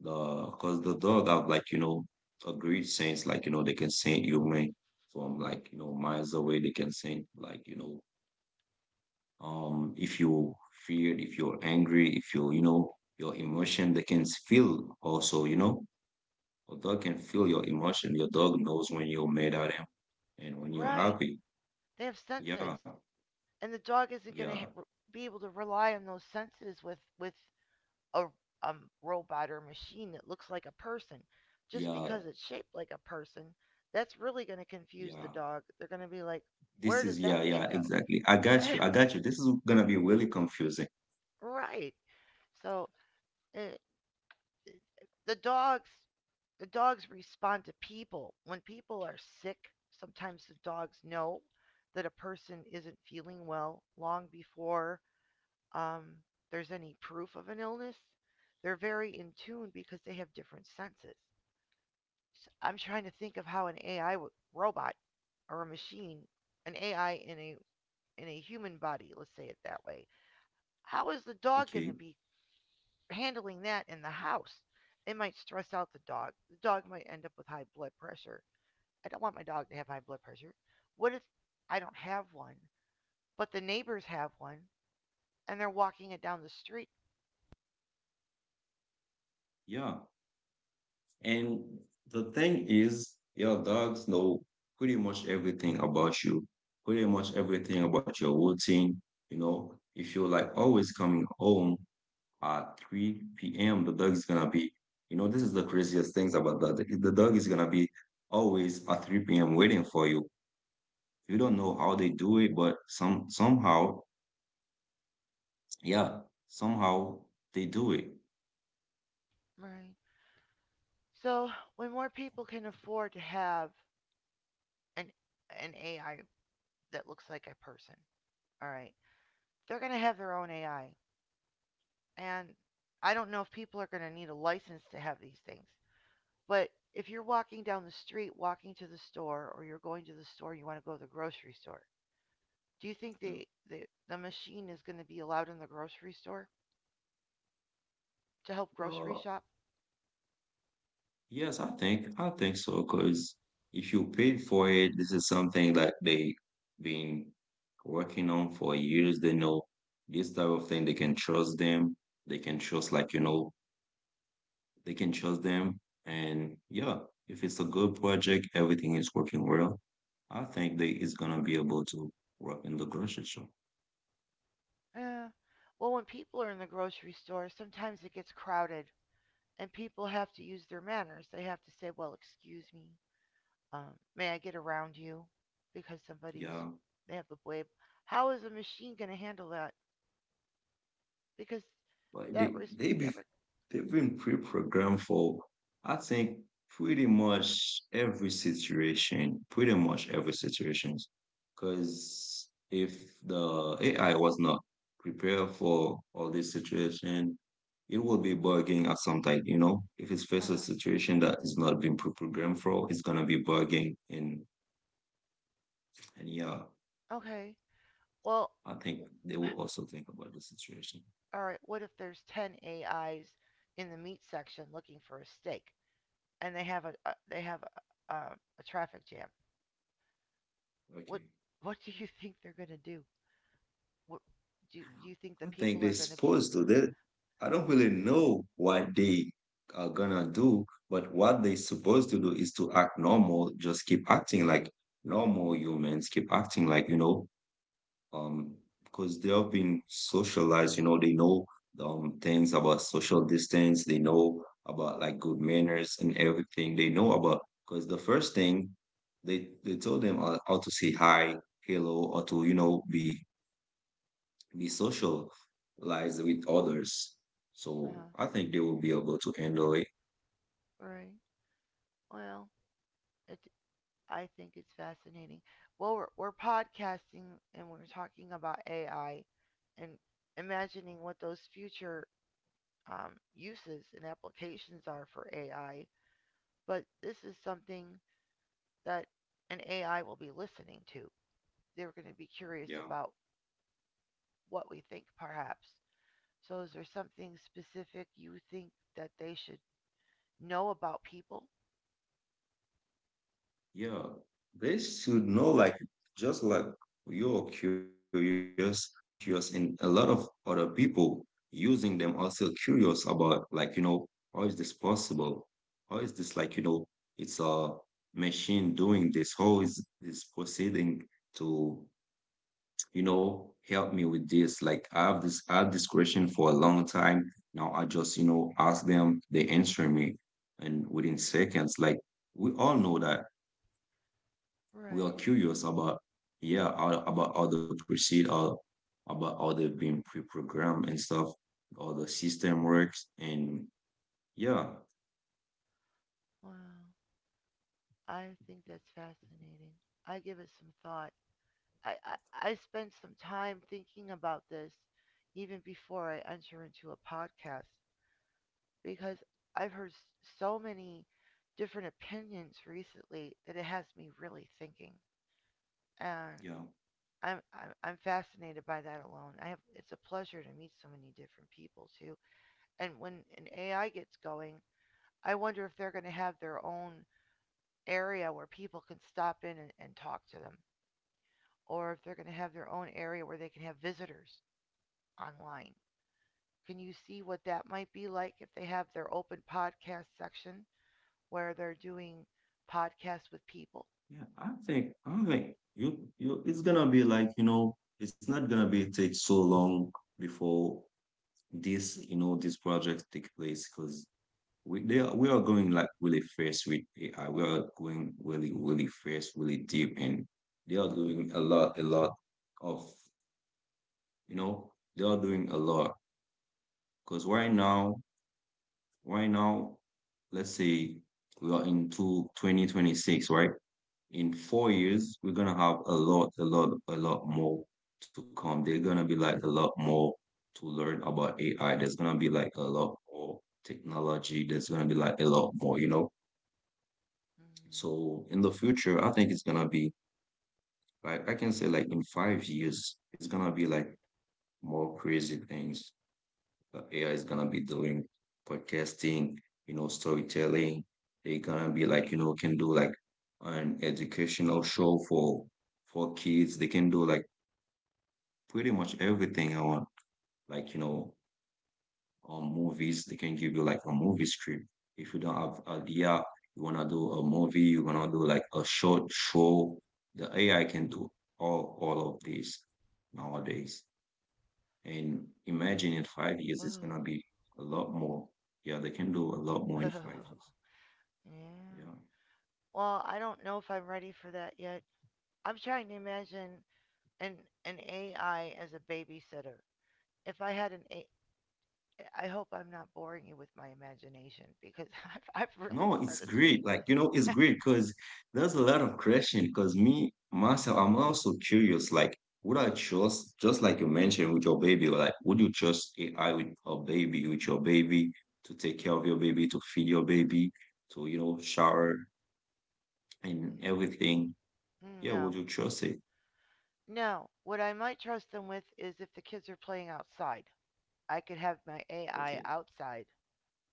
the because the dog have like you know a great sense, like you know they can scent human from like you know miles away. They can scent like you know um if you are feared, if you're angry, if you you know your emotion, they can feel also. You know, a dog can feel your emotion. Your dog knows when you're mad at him and when you're right, happy. they have Yeah, senses. And the dog isn't going yeah, to ha- be able to rely on those senses with with a um, robot or machine that looks like a person. Just yeah, because it's shaped like a person, that's really going to confuse the yeah. dog. They're going to be like, "Where This does is that yeah, thing yeah, go?" exactly. I got you. I got you. This is gonna be really confusing. Right. So uh, the dogs the dogs respond to people. When people are sick, sometimes the dogs know that a person isn't feeling well long before um, there's any proof of an illness. They're very in tune because they have different senses. i I'm trying to think of how an A I robot or a machine, an A I in a in a human body, let's say it that way. How is the dog going to Okay, be handling that in the house? It might stress out the dog. The dog might end up with high blood pressure. I don't want my dog to have high blood pressure. What if I don't have one, but the neighbors have one and they're walking it down the street? yeah. And the thing is, your dogs know pretty much everything about you, pretty much everything about your routine. You know, if you're like always coming home at three p m, the dog is gonna be, you know, this is the craziest things about that. The the dog is gonna be always at three p m waiting for you. You don't know how they do it, but some somehow, yeah, somehow they do it. Right. So when more people can afford to have an an A I that looks like a person, all right, they're gonna have their own A I, and I don't know if people are gonna need a license to have these things. But if you're walking down the street, walking to the store, or you're going to the store, you want to go to the grocery store. Do you think the, the, the, machine is going to be allowed in the grocery store to help grocery Uh, shop? yes, I think I think so. Because if you paid for it, this is something that they been working on for years. They know this type of thing. They can trust them. They can trust, like you know, they can trust them. And yeah, if it's a good project, everything is working well. I think they is gonna be able to work in the grocery store. Eh. Well, when people are in the grocery store, sometimes it gets crowded and people have to use their manners. They have to say, well, excuse me, um, may I get around you? Because somebody's, Yeah, they have the blade. How is a machine going to handle that? Because but that they was, they be that was, they've been pre-programmed for, I think, pretty much every situation, pretty much every situation. Because if the A I was not prepared for all this situation, it will be bugging at some time. You know, if it uh faces a huh. situation that is not being pre-programmed for, it's gonna be bugging. And and yeah, Okay. Well, I think they will also think about the situation. all right. What if there's ten A Is in the meat section looking for a steak and they have a, a they have a, a, a traffic jam? What Okay. what do you think they're gonna do? What do you think the I think people are they're gonna be? supposed to. They, I don't really know what they are gonna do, but what they're supposed to do is to act normal, just keep acting like normal humans, keep acting like, you know, um, because they have been socialized, you know, they know um things about social distance, they know about like good manners and everything. They know about because the first thing they they told them how, how to say hi, hello, or to, you know, be be socialize with others. So Uh, I think they will be able to handle it. right. Well, it. I think it's fascinating. Well, we're we're podcasting and we're talking about A I, and imagining what those future um, uses and applications are for A I. But this is something that an A I will be listening to. They're going to be curious Yeah. about what we think, perhaps. So, is there something specific you think that they should know about people? Yeah. They should know, like, just like you're curious, I'm curious, and a lot of other people using them are still curious about, like, you know, how is this possible? How is this, like, you know, it's a machine doing this? How is this proceeding to, you know, help me with this. Like, I have this I have this question for a long time. Now I just, you know, ask them, they answer me. And within seconds, like, we all know that we are Right. curious about, yeah, how- about how they proceed or about how they've been pre-programmed and stuff, how the system works. And yeah, Wow. I think that's fascinating. I give it some thought. I, I, I spent some time thinking about this even before I enter into a podcast because I've heard so many different opinions recently that it has me really thinking. And yeah, I'm, I'm, I'm fascinated by that alone. I have, it's a pleasure to meet so many different people too. And when an A I gets going, I wonder if they're going to have their own area where people can stop in and, and talk to them, or if they're going to have their own area where they can have visitors online. Can you see what that might be like if they have their open podcast section where they're doing podcasts with people? yeah. I think I think you you it's gonna be like, you know, it's not gonna be take so long before this, you know, this project take place because we they are, we are going like really fast with A I. We are going really really fast, really deep, and they are doing a lot a lot of, you know, they are doing a lot because right now right now let's say we are into twenty twenty-six, right, in four years, we're gonna have a lot, a lot, a lot more to come. There's gonna be like a lot more to learn about A I. There's gonna be like a lot more technology. There's gonna be like a lot more, you know. So in the future, I think it's gonna be like, I can say like in five years, it's gonna be like more crazy things. uh, A I is gonna be doing podcasting, you know, storytelling. They gonna be like, you know, can do like an educational show for for kids. They can do like pretty much everything I want. Like, you know, um movies, they can give you like a movie script. If you don't have idea, you wanna do a movie, you wanna do like a short show, the A I can do all all of this nowadays. And imagine in five years, it's gonna Mm. be a lot more. Yeah, they can do a lot more in Whoa. five years. Yeah. Yeah. Well, I don't know if I'm ready for that yet. I'm trying to imagine an an A I as a babysitter. If I had an a- I I hope I'm not boring you with my imagination, because I've, I've really No, it's started great. Like, you know, it's to great because there's a lot of question. Because me, myself, I'm also curious. Like, would I trust, just like you mentioned with your baby, like, would you trust A I with a baby, with your baby, to take care of your baby, to feed your baby, to, you know, shower and everything? Yeah, would no. you trust it? No. What I might trust them with is if the kids are playing outside. I could have my Okay. A I outside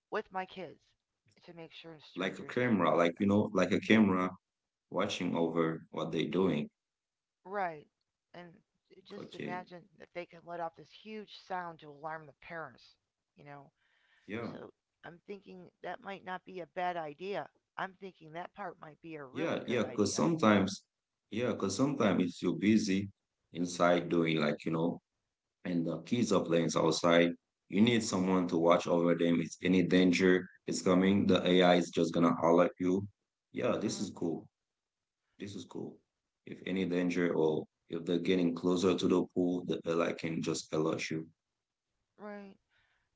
with my kids to make sure Like a strangers didn't camera, bother like, you them. know, like a camera watching over what they're doing. Right. And just Okay. imagine that they can let off this huge sound to alarm the parents, you know? Yeah. So I'm thinking that might not be a bad idea. I'm thinking that part might be a really Yeah. good Yeah. Because idea. sometimes, yeah, because sometimes if you're busy inside doing, like, you know, and the kids are playing outside, you need someone to watch over them. If any danger is coming, the A I is just going to holler at you. Yeah. Uh This huh. is cool. This is cool. If any danger or if they're getting closer to the pool, the A I can just alert you. Right.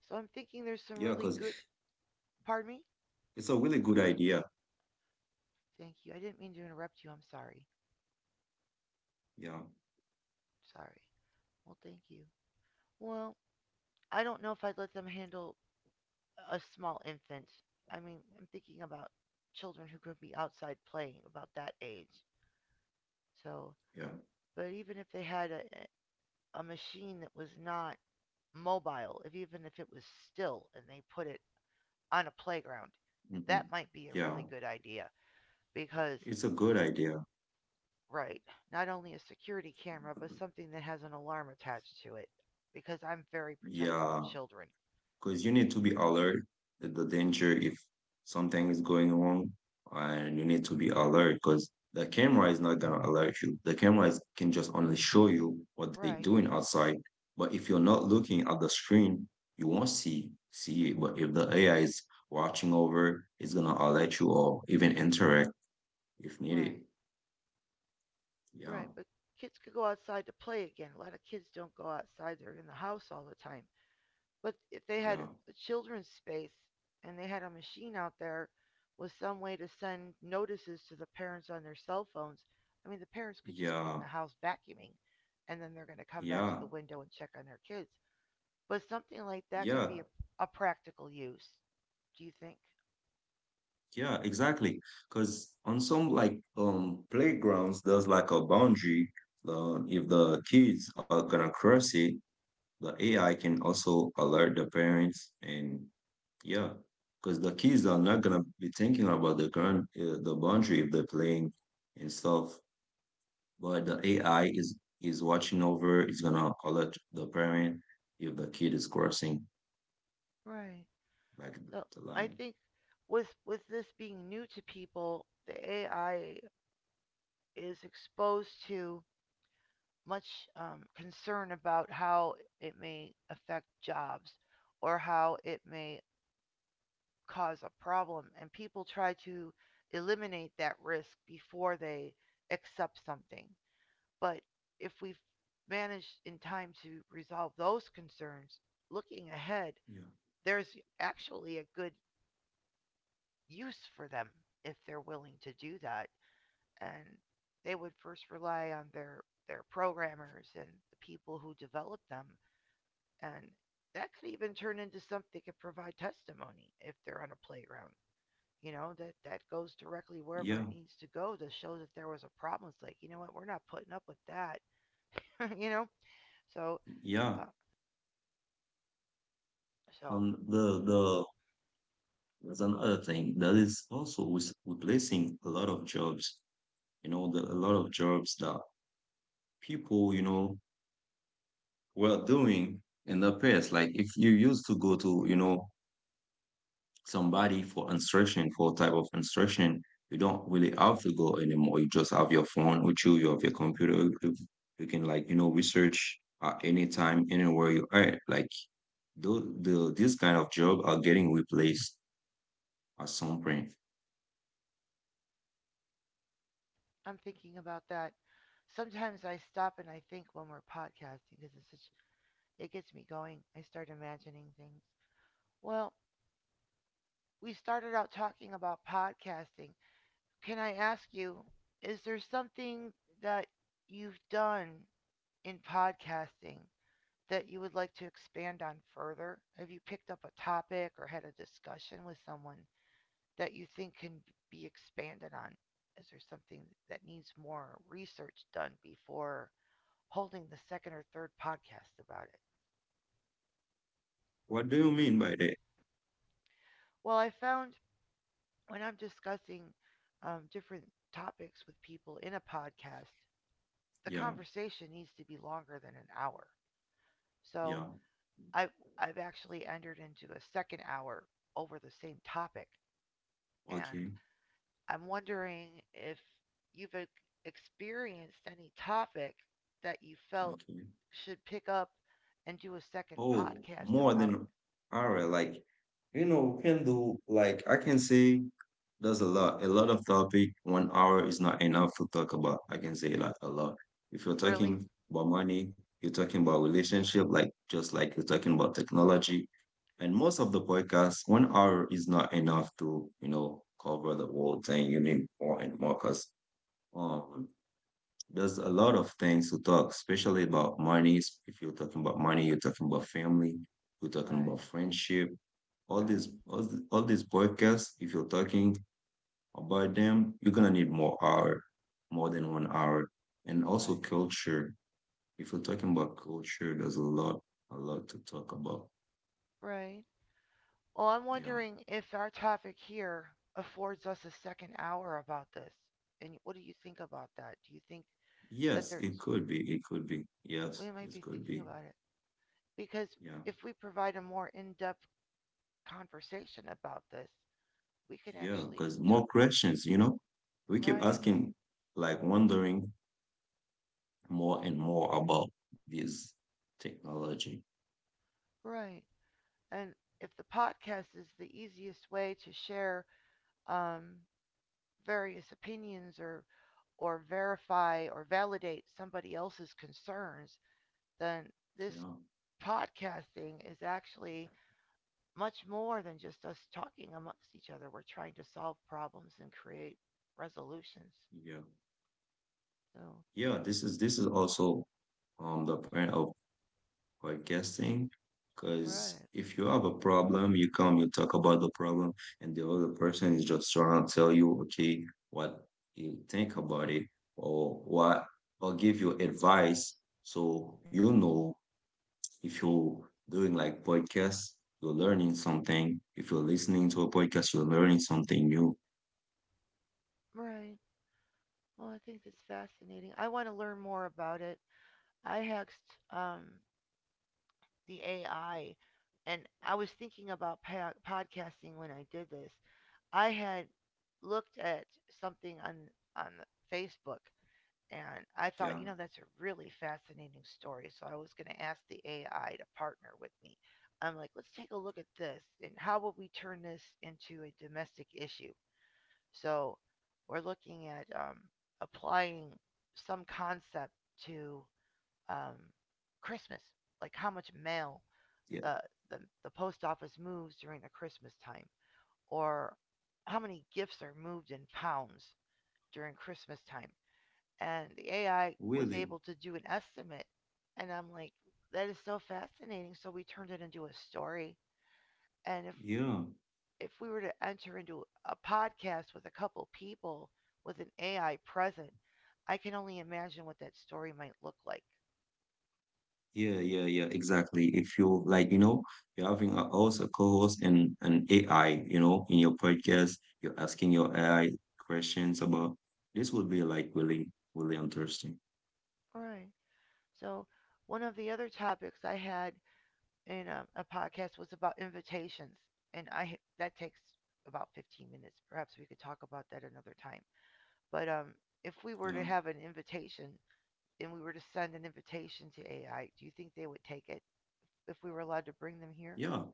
So I'm thinking there's some Yeah. really Because good. Pardon me? it's a really good idea. Thank you. I didn't mean to interrupt you. I'm sorry. Yeah. Sorry. Well, thank you. Well, I don't know if I'd let them handle a small infant. I mean, I'm thinking about children who could be outside playing about that age. So, Yeah. but even if they had a, a machine that was not mobile, if even if it was still and they put it on a playground, that hmm might be a really Yeah. good idea because It's a good idea. right. Not only a security camera, but something that has an alarm attached to it. Because I'm very protective of Yeah, children. because you need to be alert at the danger if something is going wrong, and you need to be alert because the camera is not gonna alert you. The camera is, can just only show you what they're Right, doing outside. But if you're not looking at the screen, you won't see see it. But if the A I is watching over, it's gonna alert you or even interact if needed. right, Yeah, right. But kids could go outside to play again. A lot of kids don't go outside, they're in the house all the time. But if they had yeah, a children's space and they had a machine out there with some way to send notices to the parents on their cell phones, I mean, the parents could just be in yeah, the house vacuuming and then they're going to come back to yeah, the window and check on their kids. But something like that could yeah. be a, a practical use. Do you think? Yeah, exactly. Because on some like um playgrounds, there's like a boundary. Uh, if the kids are gonna cross it, the A I can also alert the parents. And yeah, because the kids are not gonna be thinking about the ground, uh, the boundary if they're playing and stuff. But the A I is is watching over. It's gonna alert the parent if the kid is crossing Right. like So the I line. think with with this being new to people, the A I is exposed to much um, concern about how it may affect jobs or how it may cause a problem, and people try to eliminate that risk before they accept something. But if we've managed in time to resolve those concerns, looking ahead, Yeah. there's actually a good use for them if they're willing to do that. And they would first rely on their, their programmers and the people who develop them. And that could even turn into something that provide testimony if they're on a playground. You know, that, that goes directly wherever Yeah. it needs to go to show that there was a problem. It's like, you know what, we're not putting up with that. You know? So Yeah. uh, So Um, the the that's another thing that is also with replacing a lot of jobs, you know, the, a lot of jobs that people, you know, were doing in the past. Like if you used to go to, you know, somebody for instruction, for type of instruction, you don't really have to go anymore. You just have your phone with you, you have your computer. You, you can like, you know, research at any time, anywhere you are. Like the, the this kind of job are getting replaced at some point. I'm thinking about that. Sometimes I stop and I think when we're podcasting because it's such, it gets me going. I start imagining things. Well, we started out talking about podcasting. Can I ask you, is there something that you've done in podcasting that you would like to expand on further? Have you picked up a topic or had a discussion with someone that you think can be expanded on? Is there something that needs more research done before holding the second or third podcast about it? What do you mean by that? Well, I found when I'm discussing um, different topics with people in a podcast, the Yeah. conversation needs to be longer than an hour. Yeah. So I've, I've actually entered into a second hour over the same topic. And Okay, I'm wondering if you've e- experienced any topic that you felt okay. should pick up and do a second Oh, podcast more about. than hour. Like, you know, can do like, I can say there's a lot, a lot of topic. One hour is not enough to talk about. I can say like a lot. If you're Really? talking about money, you're talking about relationship, like just like you're talking about technology. And most of the podcasts, one hour is not enough to, you know, cover the whole thing. You need more and more because um there's a lot of things to talk, especially about money. If you're talking about money, you're talking about family, you're talking about Right, friendship. All these, right, all, th- all these podcasts. If you're talking about them, you're gonna need more hour, more than one hour, and also right. culture. If you're talking about culture, there's a lot, a lot to talk about. Right. Well, I'm Yeah. wondering if our topic here affords us a second hour about this. And what do you think about that? Do you think that Yes, it there's m- could be. It could be. we Yes, might it be could thinking be. about it? Because Yeah. if we provide a more in-depth conversation about this, we can Yeah. actually Because t- more questions, you know, we keep right, asking, like wondering more and more about this technology. right. And if the podcast is the easiest way to share um, various opinions or or verify or validate somebody else's concerns, then this Yeah, podcasting is actually much more than just us talking amongst each other. We're trying to solve problems and create resolutions. yeah, So, yeah. This is this is also um the point of podcasting, because right, if you have a problem, you come, you talk about the problem, and the other person is just trying to tell you, okay, what you think about it, or what, or give you advice, so you know if you're doing like podcasts, you're learning something. If you're listening to a podcast, you're learning something new. right. Well, I think that's fascinating. I want to learn more about it. I hacked um, the A I, and I was thinking about pa- podcasting when I did this. I had looked at something on on Facebook. And I thought, you Yeah. know, that's a really fascinating story. So I was going to ask the A I to partner with me. I'm like, let's take a look at this. And how would we turn this into a domestic issue? So we're looking at um, applying some concept to um, Christmas, like how much mail the, the, the post office moves during the Christmas time, or how many gifts are moved in pounds during Christmas time, and the A I was Really? able to do an estimate. And I'm like, that is so fascinating. So we turned it into a story. And if Yeah. if we were to enter into a podcast with a couple people with an A I present, I can only imagine what that story might look like. Yeah, yeah, yeah, exactly. If you like, you know, you're having a host, a co-host, and an A I, you know, in your podcast, you're asking your A I questions about this would be like really, really interesting. All right. So one of the other topics I had in um, a podcast was about invitations, and I that takes about fifteen minutes. Perhaps we could talk about that another time. But um, if we were to Yeah. have an invitation and we were to send an invitation to A I, do you think they would take it if we were allowed to bring them here? Yeah.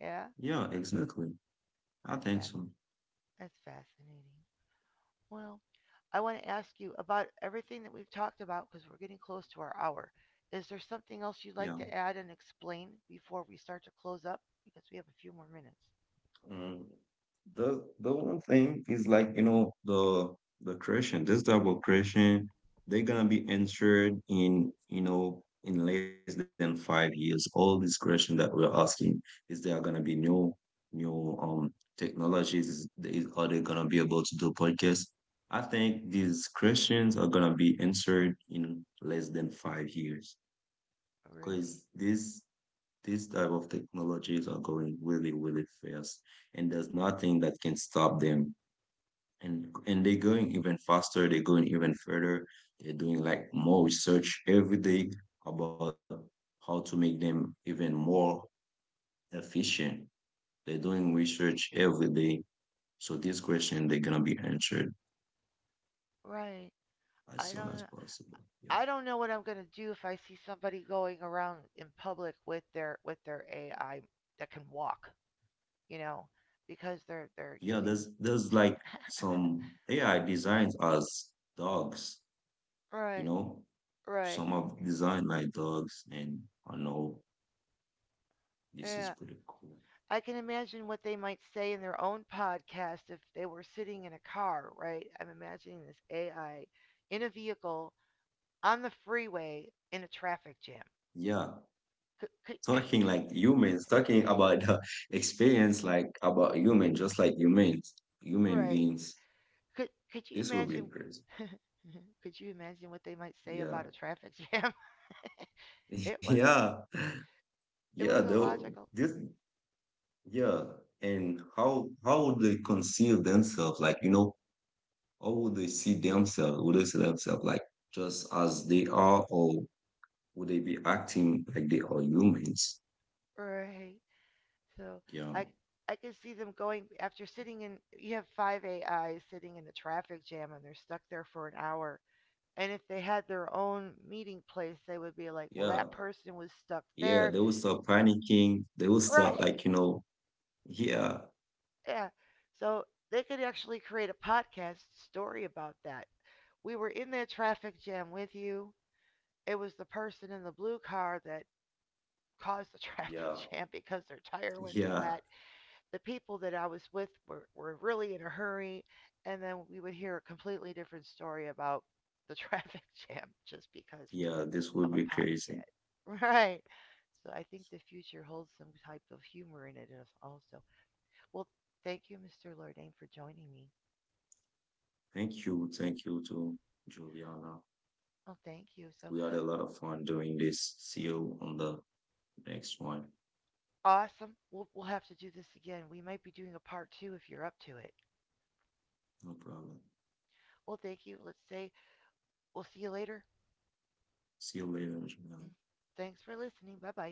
Yeah, Yeah, exactly. I that's think fast. so. That's fascinating. Well, I want to ask you about everything that we've talked about because we're getting close to our hour. Is there something else you'd like Yeah. to add and explain before we start to close up? Because we have a few more minutes. Mm, the the one thing is like, you know, the the creation, this type of creation, they're gonna be insured in, you know, in less than five years, all this creation that we're asking is there are gonna be new new um technologies. Is, is- are they gonna be able to do podcasts? I think these creations are gonna be insured in less than five years Really? because this, these type of technologies are going really, really fast, and there's nothing that can stop them. And and they're going even faster. They're going even further. They're doing like more research every day about how to make them even more efficient. They're doing research every day. So this question they're gonna be answered Right. as I soon as don't. possible. Yeah. I don't know what I'm gonna do if I see somebody going around in public with their with their A I that can walk. You know, because they're they're Yeah, using there's there's like some A I designs as dogs, you right. know? Right. Some of design like dogs, and I know this is Yeah. pretty cool. I can imagine what they might say in their own podcast if they were sitting in a car, right? I'm imagining this A I in a vehicle on the freeway in a traffic jam. Yeah, Could could, could talking you like humans, talking about the experience like about human, just like humans, human Right. beings. could could you This will be imagine crazy. could you imagine what they might say Yeah, about a traffic jam? It was yeah, it yeah. was Though illogical. this, yeah, and how how would they conceive themselves? Like, you know, how would they see themselves? Would they see themselves like just as they are, or would they be acting like they are humans? Right. So Yeah. I I can see them going after sitting in you have five A Is sitting in a traffic jam and they're stuck there for an hour. And if they had their own meeting place, they would be like, well Yeah, that person was stuck yeah, there. they will start panicking. They will start Right. like, you know, yeah, Yeah. So they could actually create a podcast story about that. We were in that traffic jam with you. It was the person in the blue car that caused the traffic yeah, jam because their tire went yeah, flat, the people that I was with were, were really in a hurry. And then we would hear a completely different story about the traffic jam just because yeah, this will of a be crazy. podcast. Right. So I think the future holds some type of humor in it as- also. Well, thank you, Mister Lordain, for joining me. Thank you, thank you to Juliana. Oh, thank you. So We had a lot of fun doing this. See you on the next one. awesome. We'll, we'll have to do this again. We might be doing a part two if you're up to it. No problem. Well, thank you. Let's say we'll see you later. See you later, Mm. Juliana. Thanks for listening. Bye bye.